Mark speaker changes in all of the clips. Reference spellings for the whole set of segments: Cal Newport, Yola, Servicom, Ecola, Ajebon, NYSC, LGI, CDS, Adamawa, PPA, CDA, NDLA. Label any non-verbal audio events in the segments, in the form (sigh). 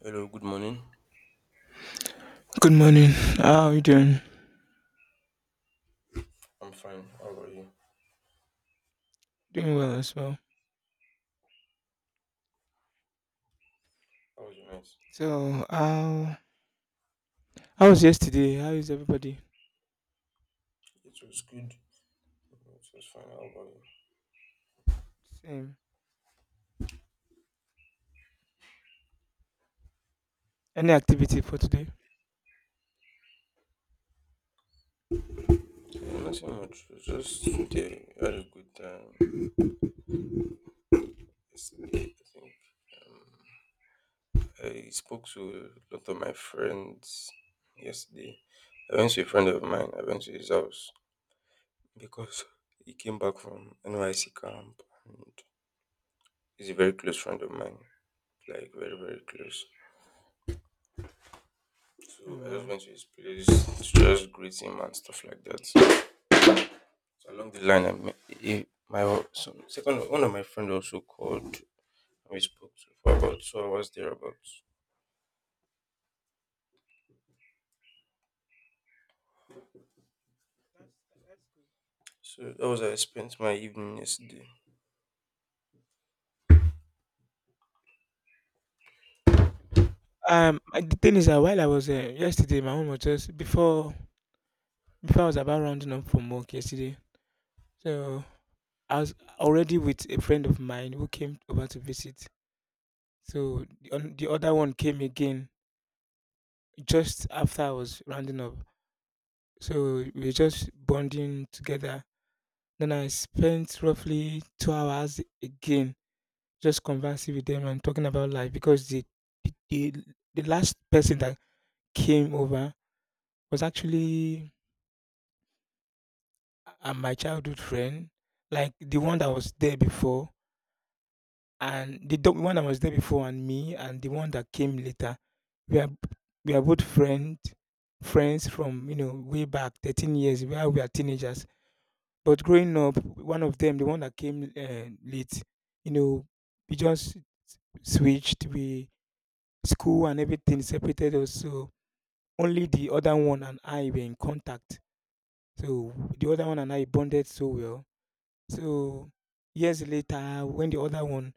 Speaker 1: Hello, good morning.
Speaker 2: Good morning. How are you doing?
Speaker 1: I'm fine. How about you?
Speaker 2: Doing well as well.
Speaker 1: How was your night?
Speaker 2: So, how was yesterday? How is everybody?
Speaker 1: It was good. It was fine. How about
Speaker 2: Same. Any activity for today?
Speaker 1: you? Yeah, nothing much. It was just today. I had a good time. Yesterday, I think um, I spoke to a lot of my friends yesterday. I went to a friend of mine. I went to his house because he came back from NYC camp and he's a very close friend of mine. Like very very close.
Speaker 2: Oh,
Speaker 1: So I just
Speaker 2: wow.
Speaker 1: went to his place to just greet him and stuff like that. So along the line, I met, eh, my some, second one of my friend also called. And we spoke to for about 2 hours thereabouts. So that was how I spent my evening yesterday.
Speaker 2: The thing is that while I was yesterday, my mom was just before I was about rounding up from work yesterday. So I was already with a friend of mine who came over to visit. So the other one came again just after I was rounding up. So we were just bonding together. Then I spent roughly 2 hours again just conversing with them and talking about life because the the last person that came over was actually my childhood friend, like the one that was there before and one that was there before and me and the one that came later. We are we are both friends from you know way back 13 years where we are teenagers. But growing up, one of them, the one that came late, you know, we just switched. We, school and everything separated us. So only the other one and I were in contact. So the other one and I bonded so well. So years later, when the other one,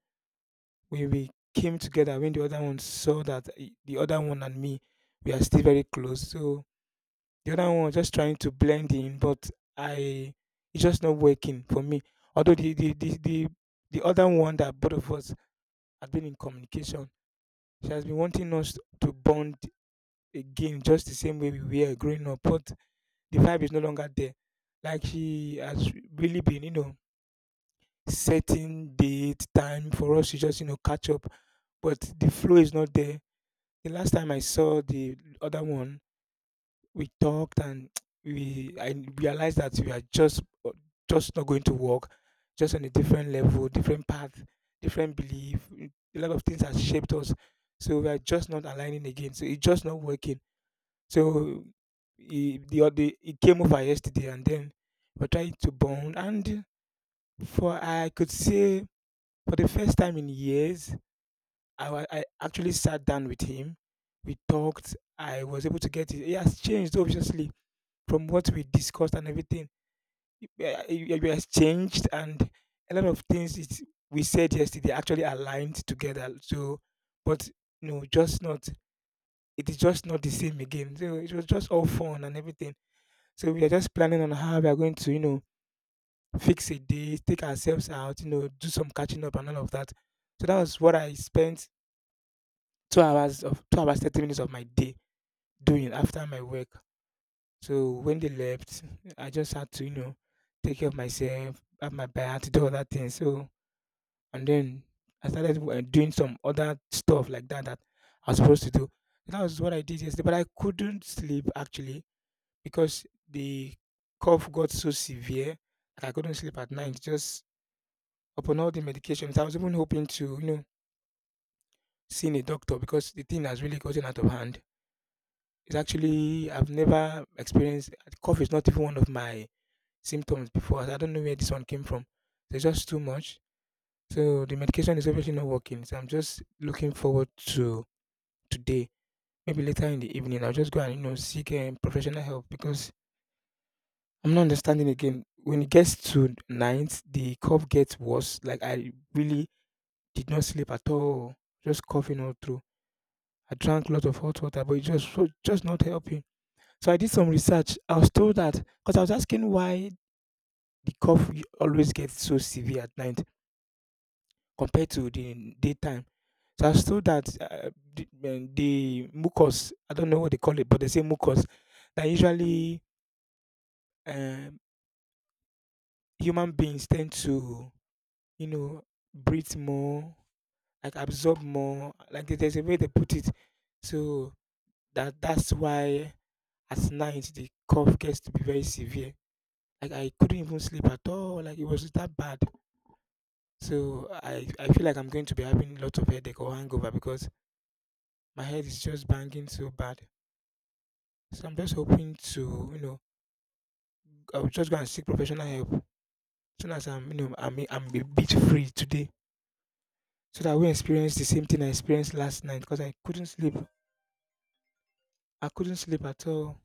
Speaker 2: when we came together, when the other one saw that the other one and me, we are still very close. So the other one was just trying to blend in, but I, it's just not working for me. Although the other one that both of us had been in communication, she has been wanting us to bond again just the same way we were growing up, but the vibe is no longer there. Like she has really been, you know, setting date, time for us to just, you know, catch up. But the flow is not there. The last time I saw the other one, we talked and (tsk) we I realized that we are just not going to work, just on a different level, different path, different belief. A lot of things has shaped us. So we are just not aligning again. So it's just not working. So he came over yesterday and then we're trying to bond. And for I could say, for the first time in years, I actually sat down with him. We talked. I was able to get it. He has changed obviously from what we discussed and everything. He, has changed and a lot of things it, we said yesterday actually aligned together. So, but no, just not. It is just not the same again. So it was just all fun and everything. So we are just planning on how we are going to, you know, fix a day, take ourselves out, you know, do some catching up and all of that. So that was what I spent 2 hours 30 minutes of my day doing after my work. So when they left, I just had to, you know, take care of myself, have my bath, do other things. So and then I started doing some other stuff like that that I was supposed to do. So that was what I did yesterday, but I couldn't sleep actually because the cough got so severe that I couldn't sleep at night. Just upon all the medications, I was even hoping to, you know, seeing a doctor because the thing has really gotten out of hand. It's actually, I've never experienced, cough is not even one of my symptoms before. I don't know where this one came from. So it's just too much. So the medication is obviously not working. So I'm just looking forward to today. Maybe later in the evening, I'll just go and you know seek professional help because I'm not understanding again. When it gets to night, the cough gets worse. Like I really did not sleep at all. Just coughing all through. I drank a lot of hot water, but it just so just not helping. So I did some research. I was told that, because I was asking why always gets so severe at night compared to the daytime. So I was told that the mucus, I don't know what they call it, but they say mucus, that usually um, human beings tend to, you know, breathe more, like absorb more. Like there's a way they put it. So that's why at night the cough gets to be very severe. Like I couldn't even sleep at all. Like it was that bad. So I feel like I'm going to be having lots of headache or hangover because my head is just banging so bad. So I'm just hoping to, you know, I'll just go and seek professional help as soon as I'm you know I'm a bit free today so that I won't experience the same thing I experienced last night because I couldn't sleep. I couldn't sleep at all.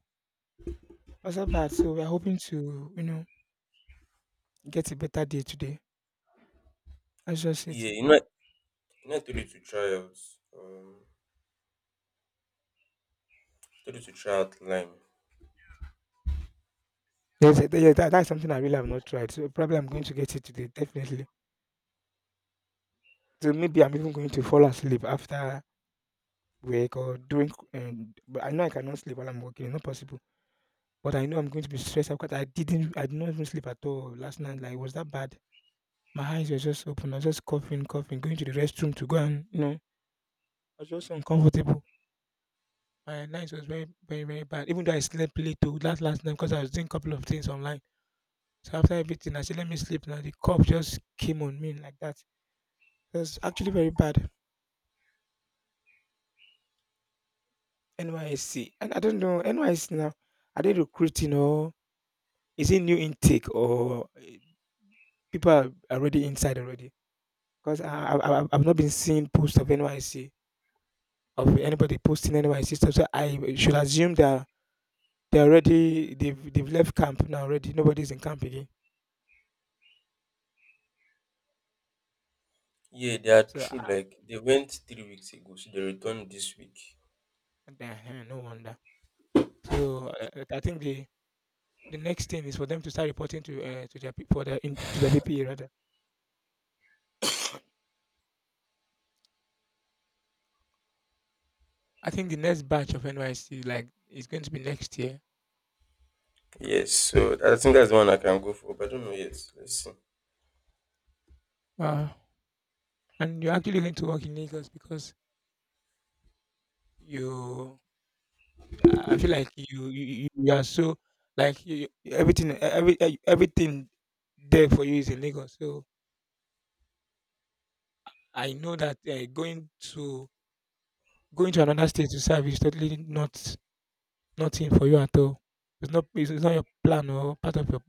Speaker 2: I was so bad, so we are hoping to, you know, get a better day today. That's just it.
Speaker 1: Yeah, you know I told you to try out. Um, I told you to try out Lime.
Speaker 2: Yes, yes, that's something I really have not tried. So probably I'm going to get it today, definitely. So maybe I'm even going to fall asleep after work or during. But I know I cannot sleep while I'm working. It's not possible. But I know I'm going to be stressed out because I didn't. I did not even sleep at all last night. Like it was that bad. My eyes were just open. I was just coughing, coughing, going to the restroom to go and you know. I was just uncomfortable. My night was very, very, very bad. Even though I slept late to last night because I was doing a couple of things online. So after everything, I said, let me sleep now. The cough just came on me like that. It was actually very bad. NYSC. And I don't know, NYSC now, are they recruiting or is it new intake or people are already inside already? Because I've not been seeing posts of NYC, of anybody posting NYC stuff. So I should assume that they've left camp now already. Nobody's in camp again.
Speaker 1: Yeah, they are
Speaker 2: So,
Speaker 1: true. Like they went 3 weeks ago, so they returned this week.
Speaker 2: uh, no wonder. So, I think the next thing is for them to start reporting to their pe- for their in, to their PPA rather. I think the next batch of NYC like is going to be next year.
Speaker 1: Yes, so I think that's the one I can go for, but I don't know yet. Let's see.
Speaker 2: Wow. And you're actually going to work in Lagos because you, I feel like you are so like you- everything e- every e- everything there for you is in Lagos. So I know that going to another state to serve is totally not nothing for you at all. It's not your plan or part of your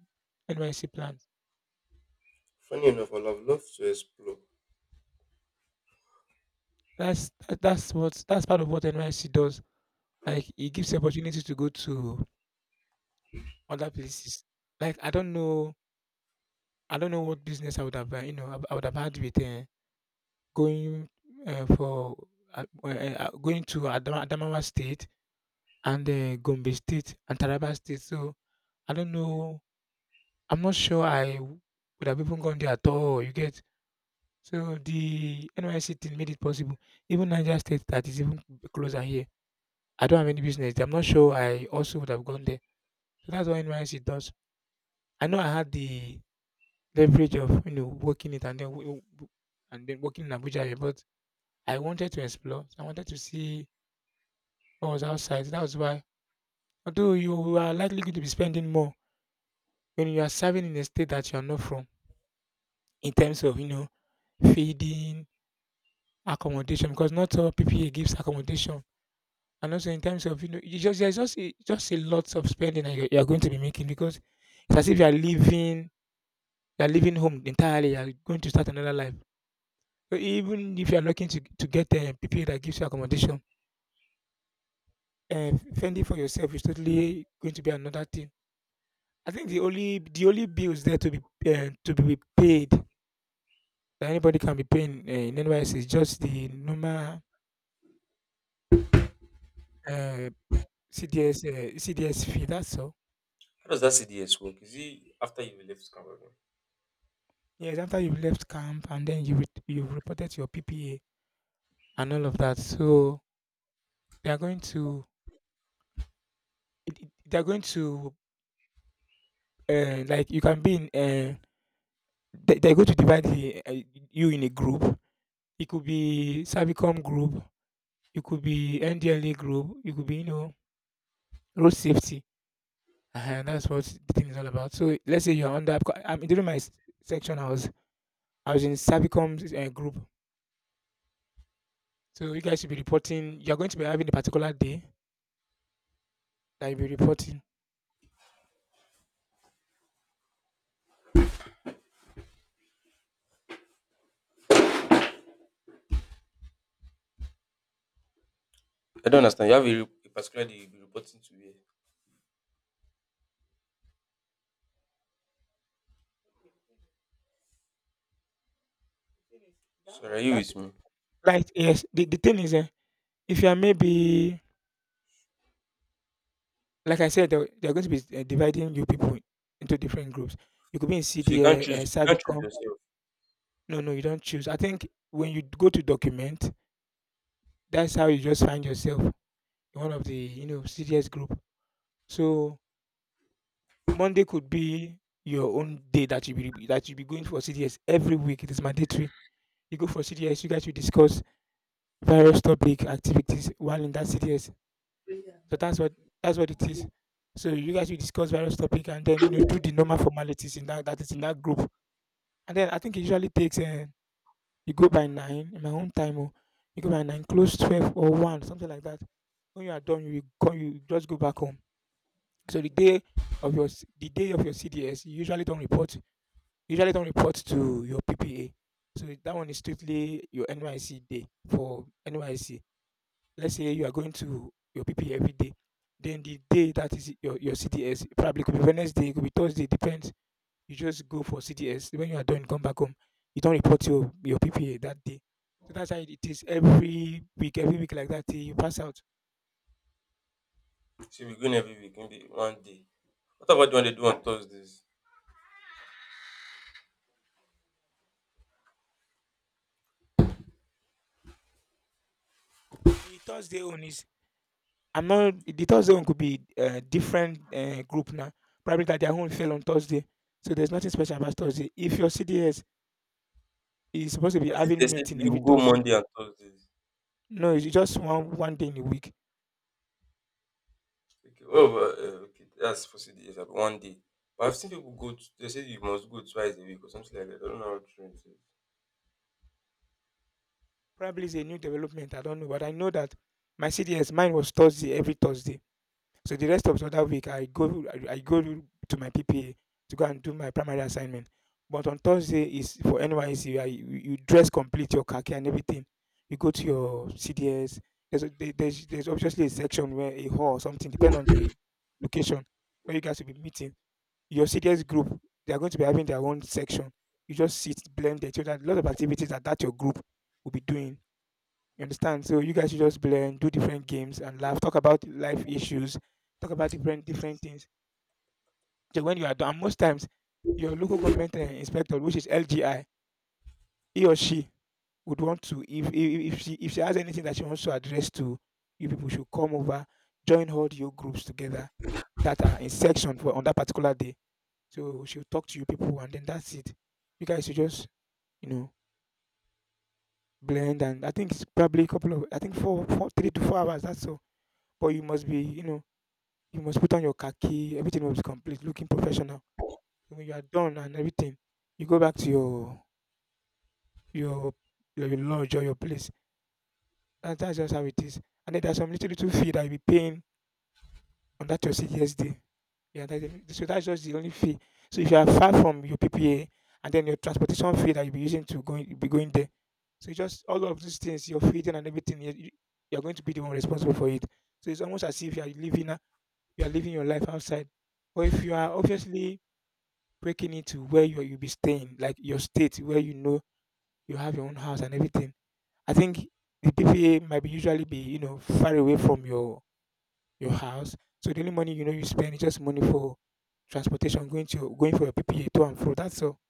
Speaker 2: NYC plan.
Speaker 1: Funny enough, I'll have loved to explore.
Speaker 2: That's part of what NYSC does. Like it gives you opportunity to go to other places. Like I don't know what business I would have, you know, I would have had with going uh, for going to Adamawa State and Gombe State and Taraba State. So I don't know. I'm not sure I w- would have even gone there at all. You get, so the NYSC thing made it possible. Even Niger State that is even closer here, I don't have any business there. I'm not sure I also would have gone there. So that's what NYSC does. I know I had the leverage of you know working it and then working in Abuja, here, but I wanted to explore. I wanted to see what was outside. That was why. Although you are likely going to be spending more when you are serving in a state that you are not from, in terms of you know feeding, accommodation, because not all PPA gives accommodation, and also in terms of you know you just there's just just a lot of spending that you are going to be making because it's as if you are living, you are leaving home entirely. You are going to start another life. So even if you are looking to get people that gives you accommodation, fending for yourself is totally going to be another thing. I think the only bills there to be paid that anybody can be paying in NYS is just the normal uh, CDS uh, CDS fee. That's all.
Speaker 1: How does that CDS work? Is it after you left Cameroon?
Speaker 2: Yes, after you've left camp and then you've reported your PPA and all of that, so they are going to, they are going to, like you can be in. They're going to divide you in a group. It could be Servicom group, it could be NDLA group, it could be, you know, road safety. Uh-huh. And that's what the thing is all about. So let's say you're under, because I'm during my s- section, I was in Servicom's group. So you guys should be reporting. You're going to be having a particular day that you'll be reporting.
Speaker 1: I don't understand. You have a particular day you'll be reporting to here.
Speaker 2: That
Speaker 1: So
Speaker 2: on
Speaker 1: are you
Speaker 2: that,
Speaker 1: with me?
Speaker 2: like yes, the thing is, if you are maybe, like I said, they're going to be dividing you people into different groups. You could be in
Speaker 1: So you can't choose
Speaker 2: CDA,
Speaker 1: you can't choose
Speaker 2: Servicom.
Speaker 1: yourself.
Speaker 2: No, no, you don't choose. I think when you go to document, that's how you just find yourself in one of the you know CDS group. So Monday could be your own day that you be going for CDS every week. It is mandatory. You go for CDS. You guys will discuss various topic activities while in that CDS. So that's what it is. So you guys will discuss various topic and then you know do the normal formalities in that that is in that group. And then I think it usually takes you go by 9:00 in my own time, oh, you go by 9:00, close 12 or 1, something like that. When you are done, you will come, you just go back home. So the day of your CDS, you usually don't report. You usually don't report to your PPA. So that one is strictly your NYC day, for NYC. Let's say you are going to your PPA every day. Then the day that is your CDS probably could be Wednesday, it could be Thursday, depends. You just go for CDS. When you are done, come back home. You don't report your PPA that day. So that's how it is every week like that, till you pass out.
Speaker 1: So we're going every week, maybe one day. What about the one they do on Thursdays?
Speaker 2: The Thursday own is, I'm not, the Thursday own could be a different group now. Probably that their own fell on Thursday. So there's nothing special about Thursday. If your CDS is supposed to be
Speaker 1: As if they
Speaker 2: having
Speaker 1: said
Speaker 2: meeting every
Speaker 1: you go
Speaker 2: Thursday,
Speaker 1: Monday and Thursdays.
Speaker 2: no, it's just one day in a week.
Speaker 1: Okay, oh, well, but, okay, that's for days, one day. But I've seen people go to, they say you must go twice a week or something like that. I don't know how true it is.
Speaker 2: Probably it's a new development. I don't know. But I know that my CDS, mine was Thursday, every Thursday. So the rest of the other week, I go I go to my PPA to go and do my primary assignment. But on Thursday is for NYSC. You dress complete your khaki and everything. You go to your CDS. There's obviously a section where a hall or something depend on the location where you guys will be meeting. Your CDS group, they are going to be having their own section. You just sit blended so that a lot of activities that your group will be doing, you understand? So you guys should just blend, do different games and laugh, talk about life issues, talk about different different things. So when you are done, and most times your local government inspector, which is LGI, he or she would want to, if she has anything that she wants to address to you people, should come over, join all your groups together that are in section for on that particular day. So she'll talk to you people and then that's it. You guys should just, you know, blend, and I think it's probably a couple of, I think four three to 4 hours, that's all. But you must be, you know, you must put on your khaki, everything must be complete, looking professional. So when you are done and everything, you go back to your your lodge or your place. That's just how it is. And then there's some little little fee that you be paying on that your CDS day. Yeah, that's the- so that's just the only fee. So if you are far from your PPA, and then your transportation fee that you'll be using to going you'll be going there. So it's just all of these things, your feeding and everything, you're going to be the one responsible for it. So it's almost as if you are living your life outside. But if you are obviously breaking it to where you'll be staying, like your state where you know you have your own house and everything. I think the PPA might be usually be, you know, far away from your house. So the only money you know you spend is just money for transportation, going to going for your PPA to and fro. That's all.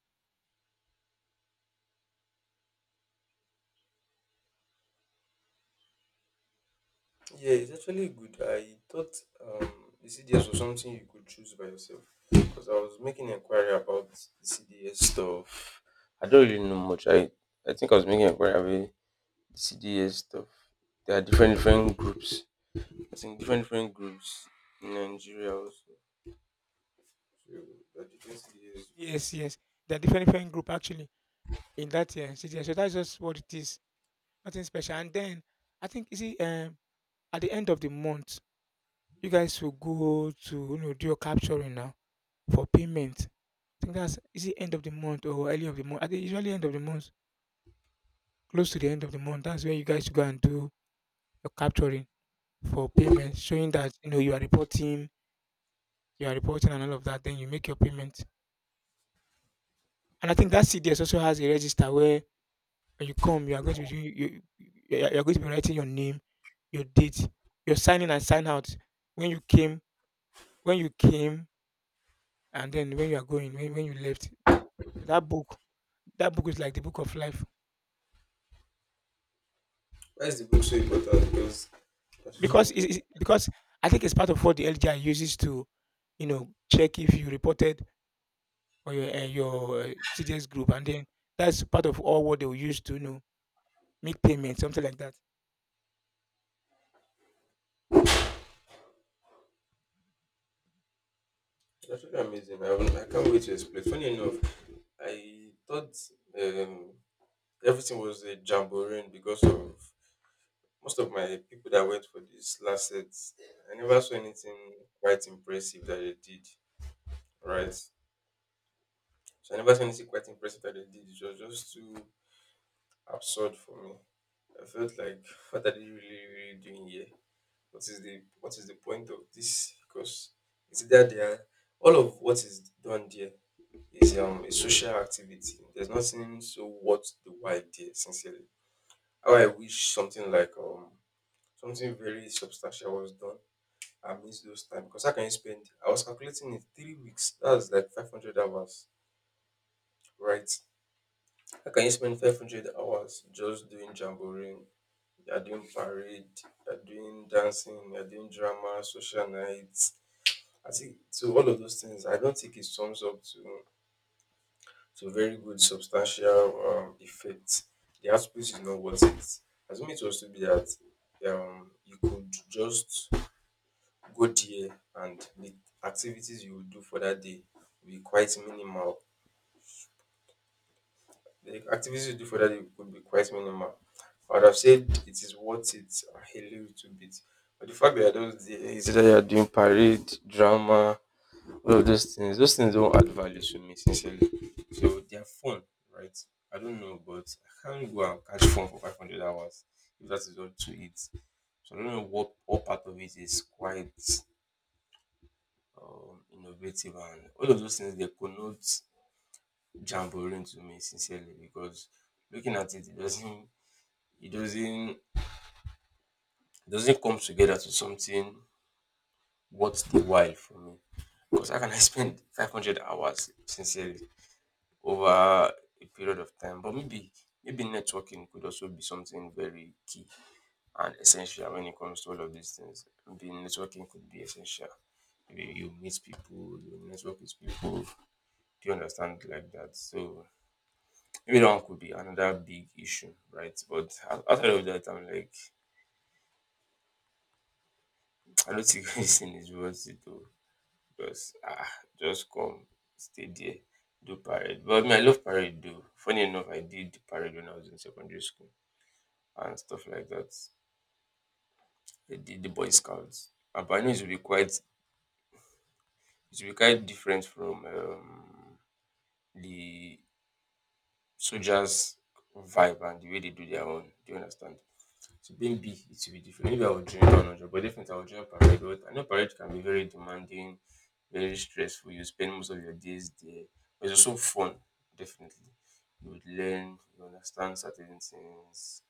Speaker 1: Yeah, it's actually good. I thought um, the CDS was something you could choose by yourself because I was making inquiry about the CDS stuff. I don't really know much. I think I was making inquiry about the CDS stuff. There are different different groups. I think different different groups in Nigeria also. So there are different CDS groups.
Speaker 2: Yes, yes, they are different different group actually in that city. So that's just what it is. Nothing special. And then I think you see at the end of the month, you guys will go to you know do your capturing now for payment. I think that's is it end of the month or early of the month? I think usually end of the month, close to the end of the month. That's where you guys go and do your capturing for payment, showing that you know you are reporting and all of that. Then you make your payment. And I think that CDS also has a register where when you come, you are going to be doing, you are going to be writing your name, your date, your sign in and sign out, when you came, when you came, and then when you are going, when you left. So that book, that book is like the book of life
Speaker 1: Why is the book so important? Because (laughs) it's
Speaker 2: because because I think it's part of what the LGI uses to, you know, check if you reported or your CDS group, and then that's part of all what they will use to you know make payments, something like that.
Speaker 1: actually amazing. I can't wait to explain. Funny enough, I thought. Um, Everything was a jamboree because of most of my people that went for this last set. I never saw anything quite impressive that they did, right? So I never saw anything quite impressive that they did. It was just too absurd for me. I felt like, what are they really, really doing here? What is the point of this? Because it's either they are all of what is done there is a social activity. There's nothing so worth the while there, sincerely. How I wish something like something very substantial was done. I missed those time because how can you spend? I was calculating it 3 weeks. That was like 500 hours, right? How can you spend 500 hours just doing jamboree? You're doing parade. You're doing dancing. You're doing drama, social nights. I think so. All of those things. I don't think it sums up to very good substantial effect. The output is not worth it. Assuming it was to be that you could just go there and the activities you will do for that day will be quite minimal. The activities you do for that day will be quite minimal. I would have said it is worth it a little bit. But the fact that you're just there, is that you're doing parade, drama, all of those things don't add value to me, sincerely. So they're fun, right? I don't know, but I can't go and catch fun for 500 hours if that is all to it. So I don't know what part of it is quite innovative and all of those things they connote jamboree to me sincerely because looking at it, it doesn't come together to something worth the while for me. Because how can I (laughs) spend 500 hours sincerely over a period of time? But maybe networking could also be something very key and essential when it comes to all of these things. Maybe networking could be essential. Maybe you meet people, you network with people. Do you understand like that? So maybe that one could be another big issue, right? But outside of that, I'm like, (tsk) I don't think (laughs) anything is worth it though. Because ah, just come, stay there, do parade. But I mean, I love parade though. Funny enough, I did parade when I was in secondary school and stuff like that. I did the Boy Scouts. Ah, but I know it will be quite different from the soldiers' vibe and the way they do their own. Do you understand? To being big, it will be different. Maybe I will join 100, but definitely I will join parade. But I know parade can be very demanding, very stressful. You spend most of your days there. But it's also fun, definitely. You would learn, you understand certain things,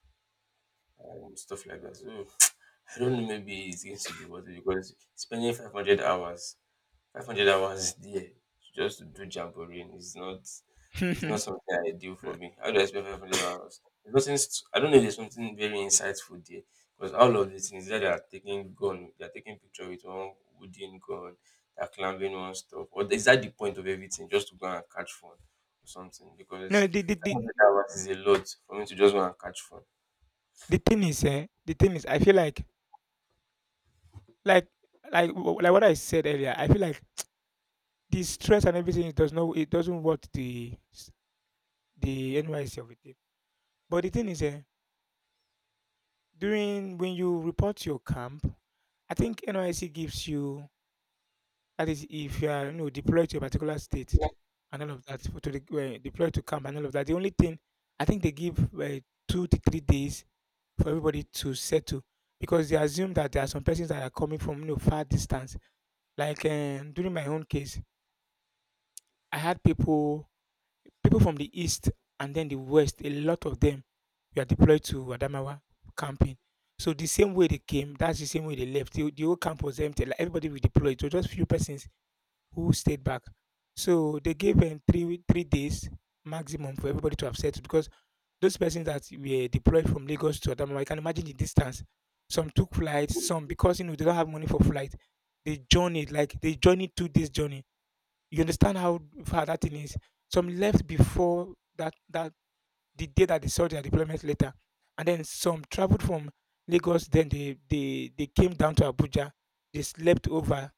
Speaker 1: and stuff like that. So (tsk) I don't know, maybe it's going to be worth it because spending 500 hours Five hundred hours there just to do jamboreeing is not it's not
Speaker 2: (laughs)
Speaker 1: something I do for me. How do I spend 500 hours? There's nothing. I don't know if there's something very insightful there, because all of the things that they are taking gun, they are taking picture with one wooden gun, they are climbing one stuff. What is that the point of everything? Just to go and catch fun or something?
Speaker 2: No,
Speaker 1: Because
Speaker 2: the, the
Speaker 1: five
Speaker 2: the
Speaker 1: hundred hours is a lot for me to just go and catch fun.
Speaker 2: the thing is, eh, the thing is, I feel like, like like wh- like what I said earlier. I feel like the stress and everything, it doesn't work the s- the NYC of it. But the thing is, eh, during when you report your camp, I think NYC gives you, that is if you are you know deployed to a particular state and all of that, for to the, deployed to camp and all of that. The only thing I think they give 2 to 3 days for everybody to settle because they assume that there are some persons that are coming from you know far distance. Like during my own case, I had people, people from the east and then the west, a lot of them were deployed to Adamawa camping. So the same way they came, that's the same way they left. The whole camp was empty. Like everybody was deployed. So just few persons who stayed back. So they gave them three days maximum for everybody to have settled because those persons that were deployed from Lagos to Adamawa, you can imagine the distance. Some took flights, some because you know they don't have money for flight, they journeyed, 2 days journey. You understand how far that thing is? Some left before that that the day that they saw their deployment later, and then some traveled from Lagos. Then they came down to Abuja. They slept over.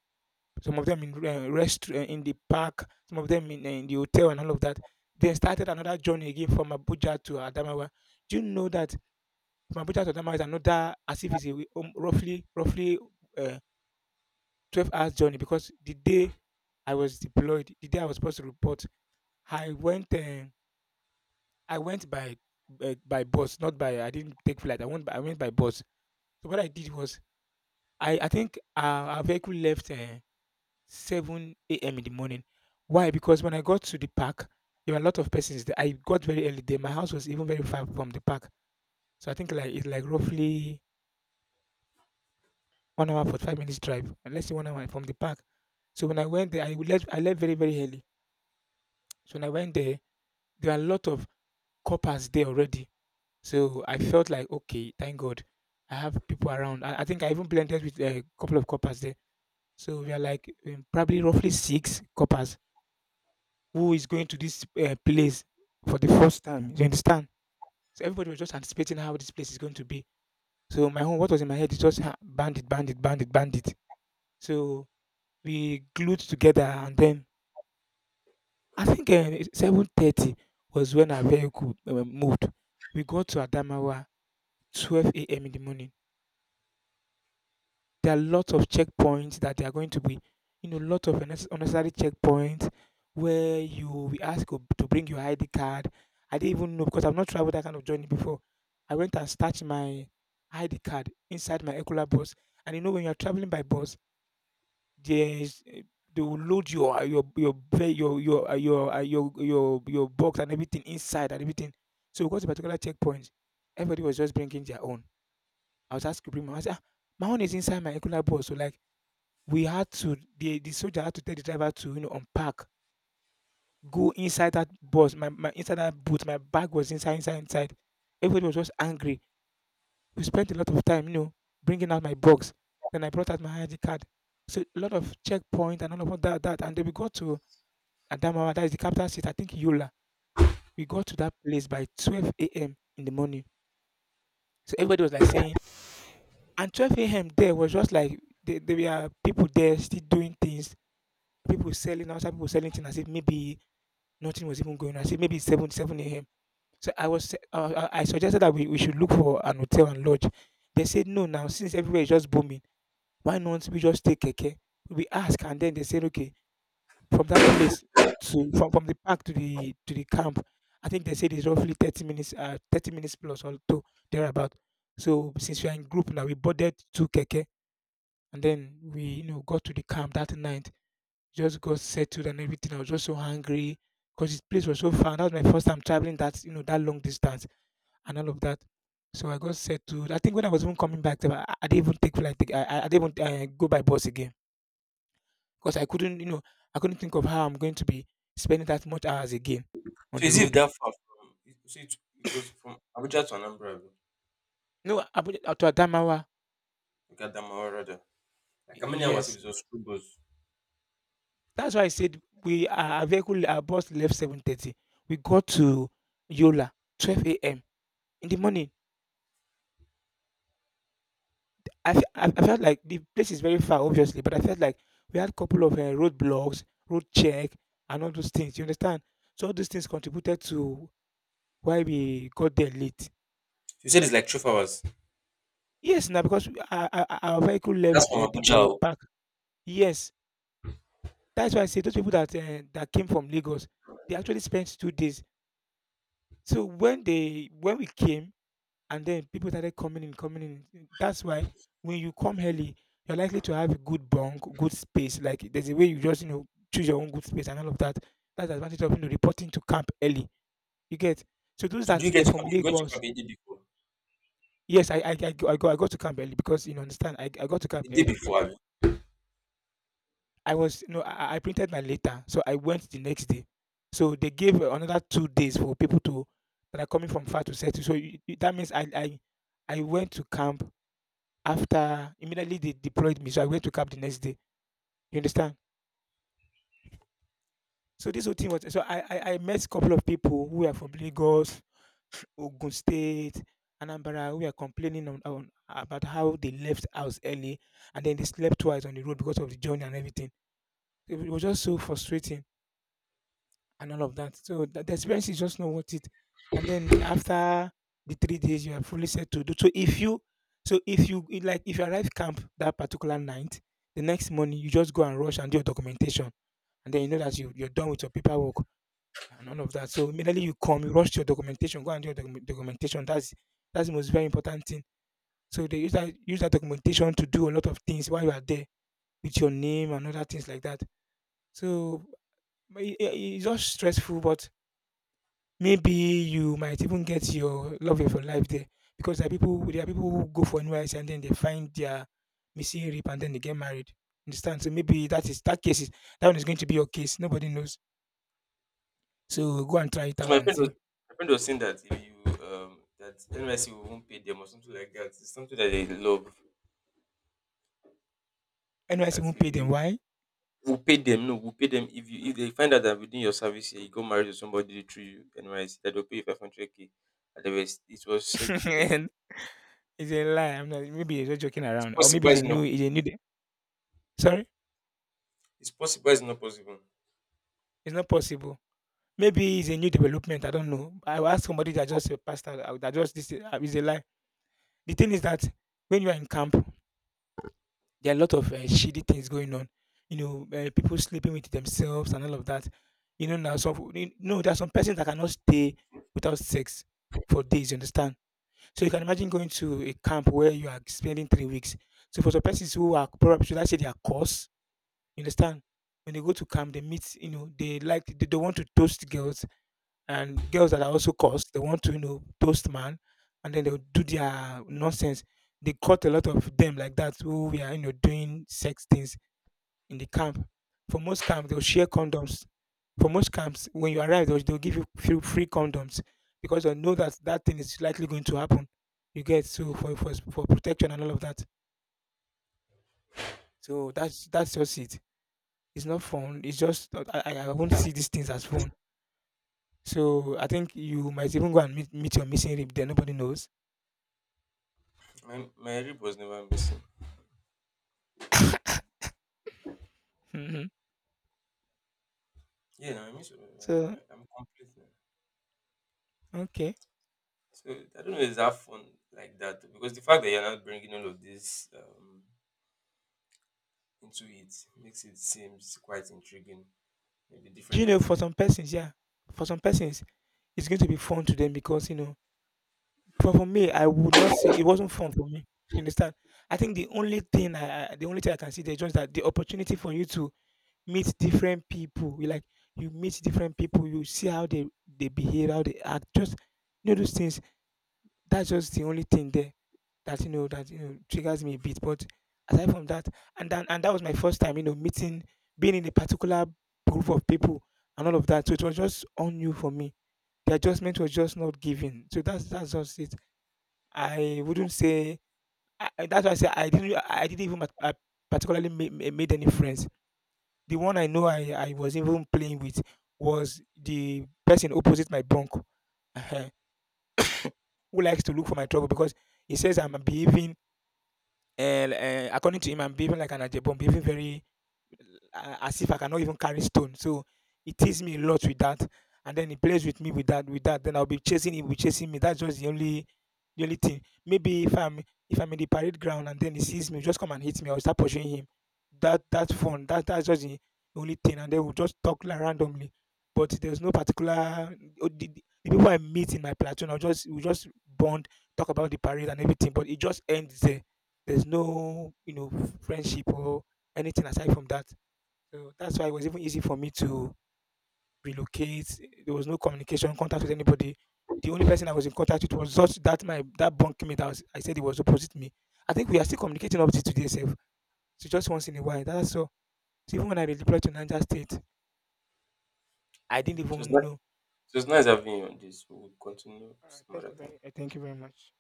Speaker 2: Some of them in rest in the park. Some of them in the hotel and all of that. Then started another journey again from Abuja to Adamawa. Do you know that from Abuja to Adamawa is another, as if it's a, way- roughly roughly uh, 12 hours journey? Because the day I was deployed, the day I was supposed to report, I went, eh, I went by b by bus, not by I didn't take flight. I went by bus. So what I did was I think our vehicle left, eh, 7:00 AM in the morning. Why? Because when I got to the park, there were a lot of persons there. I got very early there. My house was even very far from the park. So I think like it's like roughly 1 hour 45 minutes drive, and let's say 1 hour from the park. So when I went there, I left very, very early. So when I went there, there were a lot of coppers there already. So I felt like, okay, thank God, I have people around. I think I even blended with a couple of coppers there. So we are like probably roughly six coppers who is going to this place for the first time. You understand? So everybody was just anticipating how this place is going to be. So my own, what was in my head is just "Ah, bandit, bandit, bandit, bandit." So we glued together, and then I think 7:30 was when our vehicle moved. We got to Adamawa 12 a.m. in the morning. There are lots of checkpoints that they are going to be, you know, lots of unnecessary checkpoints where you will be asked to bring your ID card. I didn't even know because I've not traveled that kind of journey before. I went and stashed my ID card inside my Ecola bus. And you know, when you're traveling by bus, there's they will load your ve- your box and everything inside and everything. So we got to particular checkpoint. Everybody was just bringing their own. I was asked to bring my own. I said, "Ah, my own is inside my Ecola bus." So like we had to the soldier had to tell the driver to, you know, unpack, go inside that bus, my bag was inside, inside. Everybody was just angry. We spent a lot of time, you know, bringing out my box. Then I brought out my ID card. So a lot of checkpoint and all of and then we got to Adamawa, that is the capital city, I think Yola. We got to that place by 12 a.m. in the morning. So everybody was like saying, and 12 a.m. there was just like there were people there still doing things, people selling outside, people selling things as if maybe nothing was even going on. I said maybe it's 7, 7 a.m. So I was, se- I suggested that we should look for an hotel and lodge. They said no. Now since everywhere is just booming, why not we just take keke? We ask and then they said okay. From that place to from the park to the camp, I think they said it's roughly 30 minutes, 30 minutes plus or two thereabout. So since we are in group now, we boarded two keke and then we, you know, got to the camp that night. Just got settled and everything. I was just so hungry because this place was so far. And that was my first time traveling that, you know, that long distance and all of that. So I got settled. I think when I was even coming back, I didn't even take flight. I didn't even go by bus again because I couldn't, you know, I couldn't think of how I'm going to be spending that much hours again on
Speaker 1: So
Speaker 2: the
Speaker 1: is it
Speaker 2: road.
Speaker 1: that far from? So it was from Abuja to Anambra,
Speaker 2: No, Abuja to Adamawa.
Speaker 1: Gadamawa rather. Like how many hours it
Speaker 2: Yes,
Speaker 1: was just through bus?
Speaker 2: that's why I said we our vehicle, our bus left 7:30. We got to Yola 12 a.m. in the morning. I, fe- I felt like the place is very far, obviously, but I felt like we had a couple of roadblocks, road check, and all those things. You understand? So all those things contributed to why we got there late.
Speaker 1: She said it's like 12 hours.
Speaker 2: Yes, now because our vehicle left
Speaker 1: That's from
Speaker 2: the
Speaker 1: Abuja. Oh.
Speaker 2: park. Yes, that's why I say those people that that came from Lagos, they actually spent 2 days. So when they when we came, and then people started coming in, coming in. That's why when you come early, you're likely to have a good bunk, good space. Like there's a way you just, you know, choose your own good space and all of that. That's the advantage of, you know, reporting to camp early. You get so those
Speaker 1: So do
Speaker 2: that
Speaker 1: you get
Speaker 2: were
Speaker 1: to
Speaker 2: from
Speaker 1: come? You got to come
Speaker 2: Lagos.
Speaker 1: the day before.
Speaker 2: Yes, I got to camp early because, you know, understand I got to camp
Speaker 1: The day
Speaker 2: early.
Speaker 1: before, abi?
Speaker 2: I was, you know, I printed my letter, so I went the next day. So they gave another 2 days for people to that are coming from far to settle. So that means I went to camp after immediately they deployed me, so I went to camp the next day. You understand? So this whole thing was so I met a couple of people who are from Lagos, (sniffs) Ogun State, Anambra, who are complaining on about how they left house early and then they slept twice on the road because of the journey and everything. It was just so frustrating and all of that. So the experience is just not worth it. And then after the 3 days, you are fully settled. So if you it like, if you arrive camp that particular night, the next morning you just go and rush and do your documentation, and then you know that you're done with your paperwork and all of that. So immediately you come, you rush to your documentation, go and do your documentation. That's the most very important thing. So they use that documentation to do a lot of things while you are there with your name and other things like that. So but it's just stressful, but maybe you might even get your love of your life there because there are people who go for NYS and then they find their missing rib and then they get married. Understand? So maybe that is that case is that one is going to be your case. Nobody knows. So go and try it
Speaker 1: Because
Speaker 2: out
Speaker 1: my
Speaker 2: and
Speaker 1: friend was
Speaker 2: see.
Speaker 1: my friend was saying that if you that NYC won't pay them or something like that. It's something that they love.
Speaker 2: NYS
Speaker 1: That
Speaker 2: won't pay
Speaker 1: if
Speaker 2: them.
Speaker 1: you
Speaker 2: Why?
Speaker 1: will pay them, no, will pay them if you if they find out that within your service year you go married to somebody through NYC that they'll pay you 500K. And they were, it was
Speaker 2: (laughs)
Speaker 1: said to them.
Speaker 2: It's a lie. I'm not. Maybe he's just joking
Speaker 1: It's
Speaker 2: around, or maybe
Speaker 1: possible.
Speaker 2: it's a
Speaker 1: It's not.
Speaker 2: new. It's a new. De- sorry,
Speaker 1: It's possible. It's not possible.
Speaker 2: it's not possible. Maybe it's a new development. I don't know. I will ask somebody that just passed out. That just this. It's a lie. The thing is that when you are in camp, there are a lot of shitty things going on. You know, people sleeping with themselves and all of that. You know, now some you know there are some persons that cannot stay without sex for days. You understand? So you can imagine going to a camp where you are spending 3 weeks. So for some persons who are probably, should I say, they are coarse, you understand? When they go to camp, they meet, you know, they don't want to toast girls, and girls that are also cursed, they want to, you know, toast man, and then they'll do their nonsense. They caught a lot of them like that who we are, you know, doing sex things in the camp. For most camps, they'll share condoms. For most camps, when you arrive, they'll give you few free condoms because they know that that thing is likely going to happen. You get so for protection and all of that. So that's just it. It's not fun. It's just that I won't see these things as fun. So I think you might even go and meet your missing rib there. Nobody knows.
Speaker 1: My rib was never missing.
Speaker 2: Hmm.
Speaker 1: Yeah, no, I miss.
Speaker 2: So
Speaker 1: I'm complete.
Speaker 2: okay,
Speaker 1: So I don't know if it's that fun like that because the fact that you're not bringing all of this into it makes it seems quite intriguing. Maybe
Speaker 2: do you
Speaker 1: different
Speaker 2: know for
Speaker 1: activity.
Speaker 2: some persons, yeah, for some persons, it's going to be fun to them because, you know, for me, I would not say it wasn't fun for me. You understand? I think the only thing I can see there is just that the opportunity for you to meet different people. You like you meet different people, you see how they behave, how they act, just, you know, those things. That's just the only thing there that, you know, triggers me a bit. But aside from that, and then and that was my first time, you know, meeting, being in a particular group of people and all of that. So it was just on you for me. The adjustment was just not given. So that's just it. I wouldn't say I- that's why I say I didn't even mat- I particularly made any friends. The one I know I was even playing with was the person opposite my bunk, uh, (laughs) who likes to look for my trouble because he says I'm behaving. And according to him, I'm behaving like an Ajebon, behaving very as if I cannot even carry stone. So it teases me a lot with that, and then he plays with me with that. Then I'll be chasing him, be chasing me. That's just the only thing. Maybe if I'm in the parade ground and then he sees me, just come and hit me. I'll start pursuing him. That's fun. That's just the only thing. And then we'll just talk like randomly. But there's no particular, oh, the people I meet in my platoon. I'll just we just bond, talk about the parade and everything. But it just ends there. There's no, you know, friendship or anything aside from that. So that's why it was even easy for me to relocate. There was no communication, contact with anybody. The only person I was in contact with was just that my, that bunkmate I said he was opposite me. I think we are still communicating up to today, self. So just once in a while. That's all. So even when I redeployed to Niger State, I didn't
Speaker 1: Mhm. So
Speaker 2: even know.
Speaker 1: it's nice having you on this. We'll continue
Speaker 2: All right,
Speaker 1: some other time.
Speaker 2: thank you very much.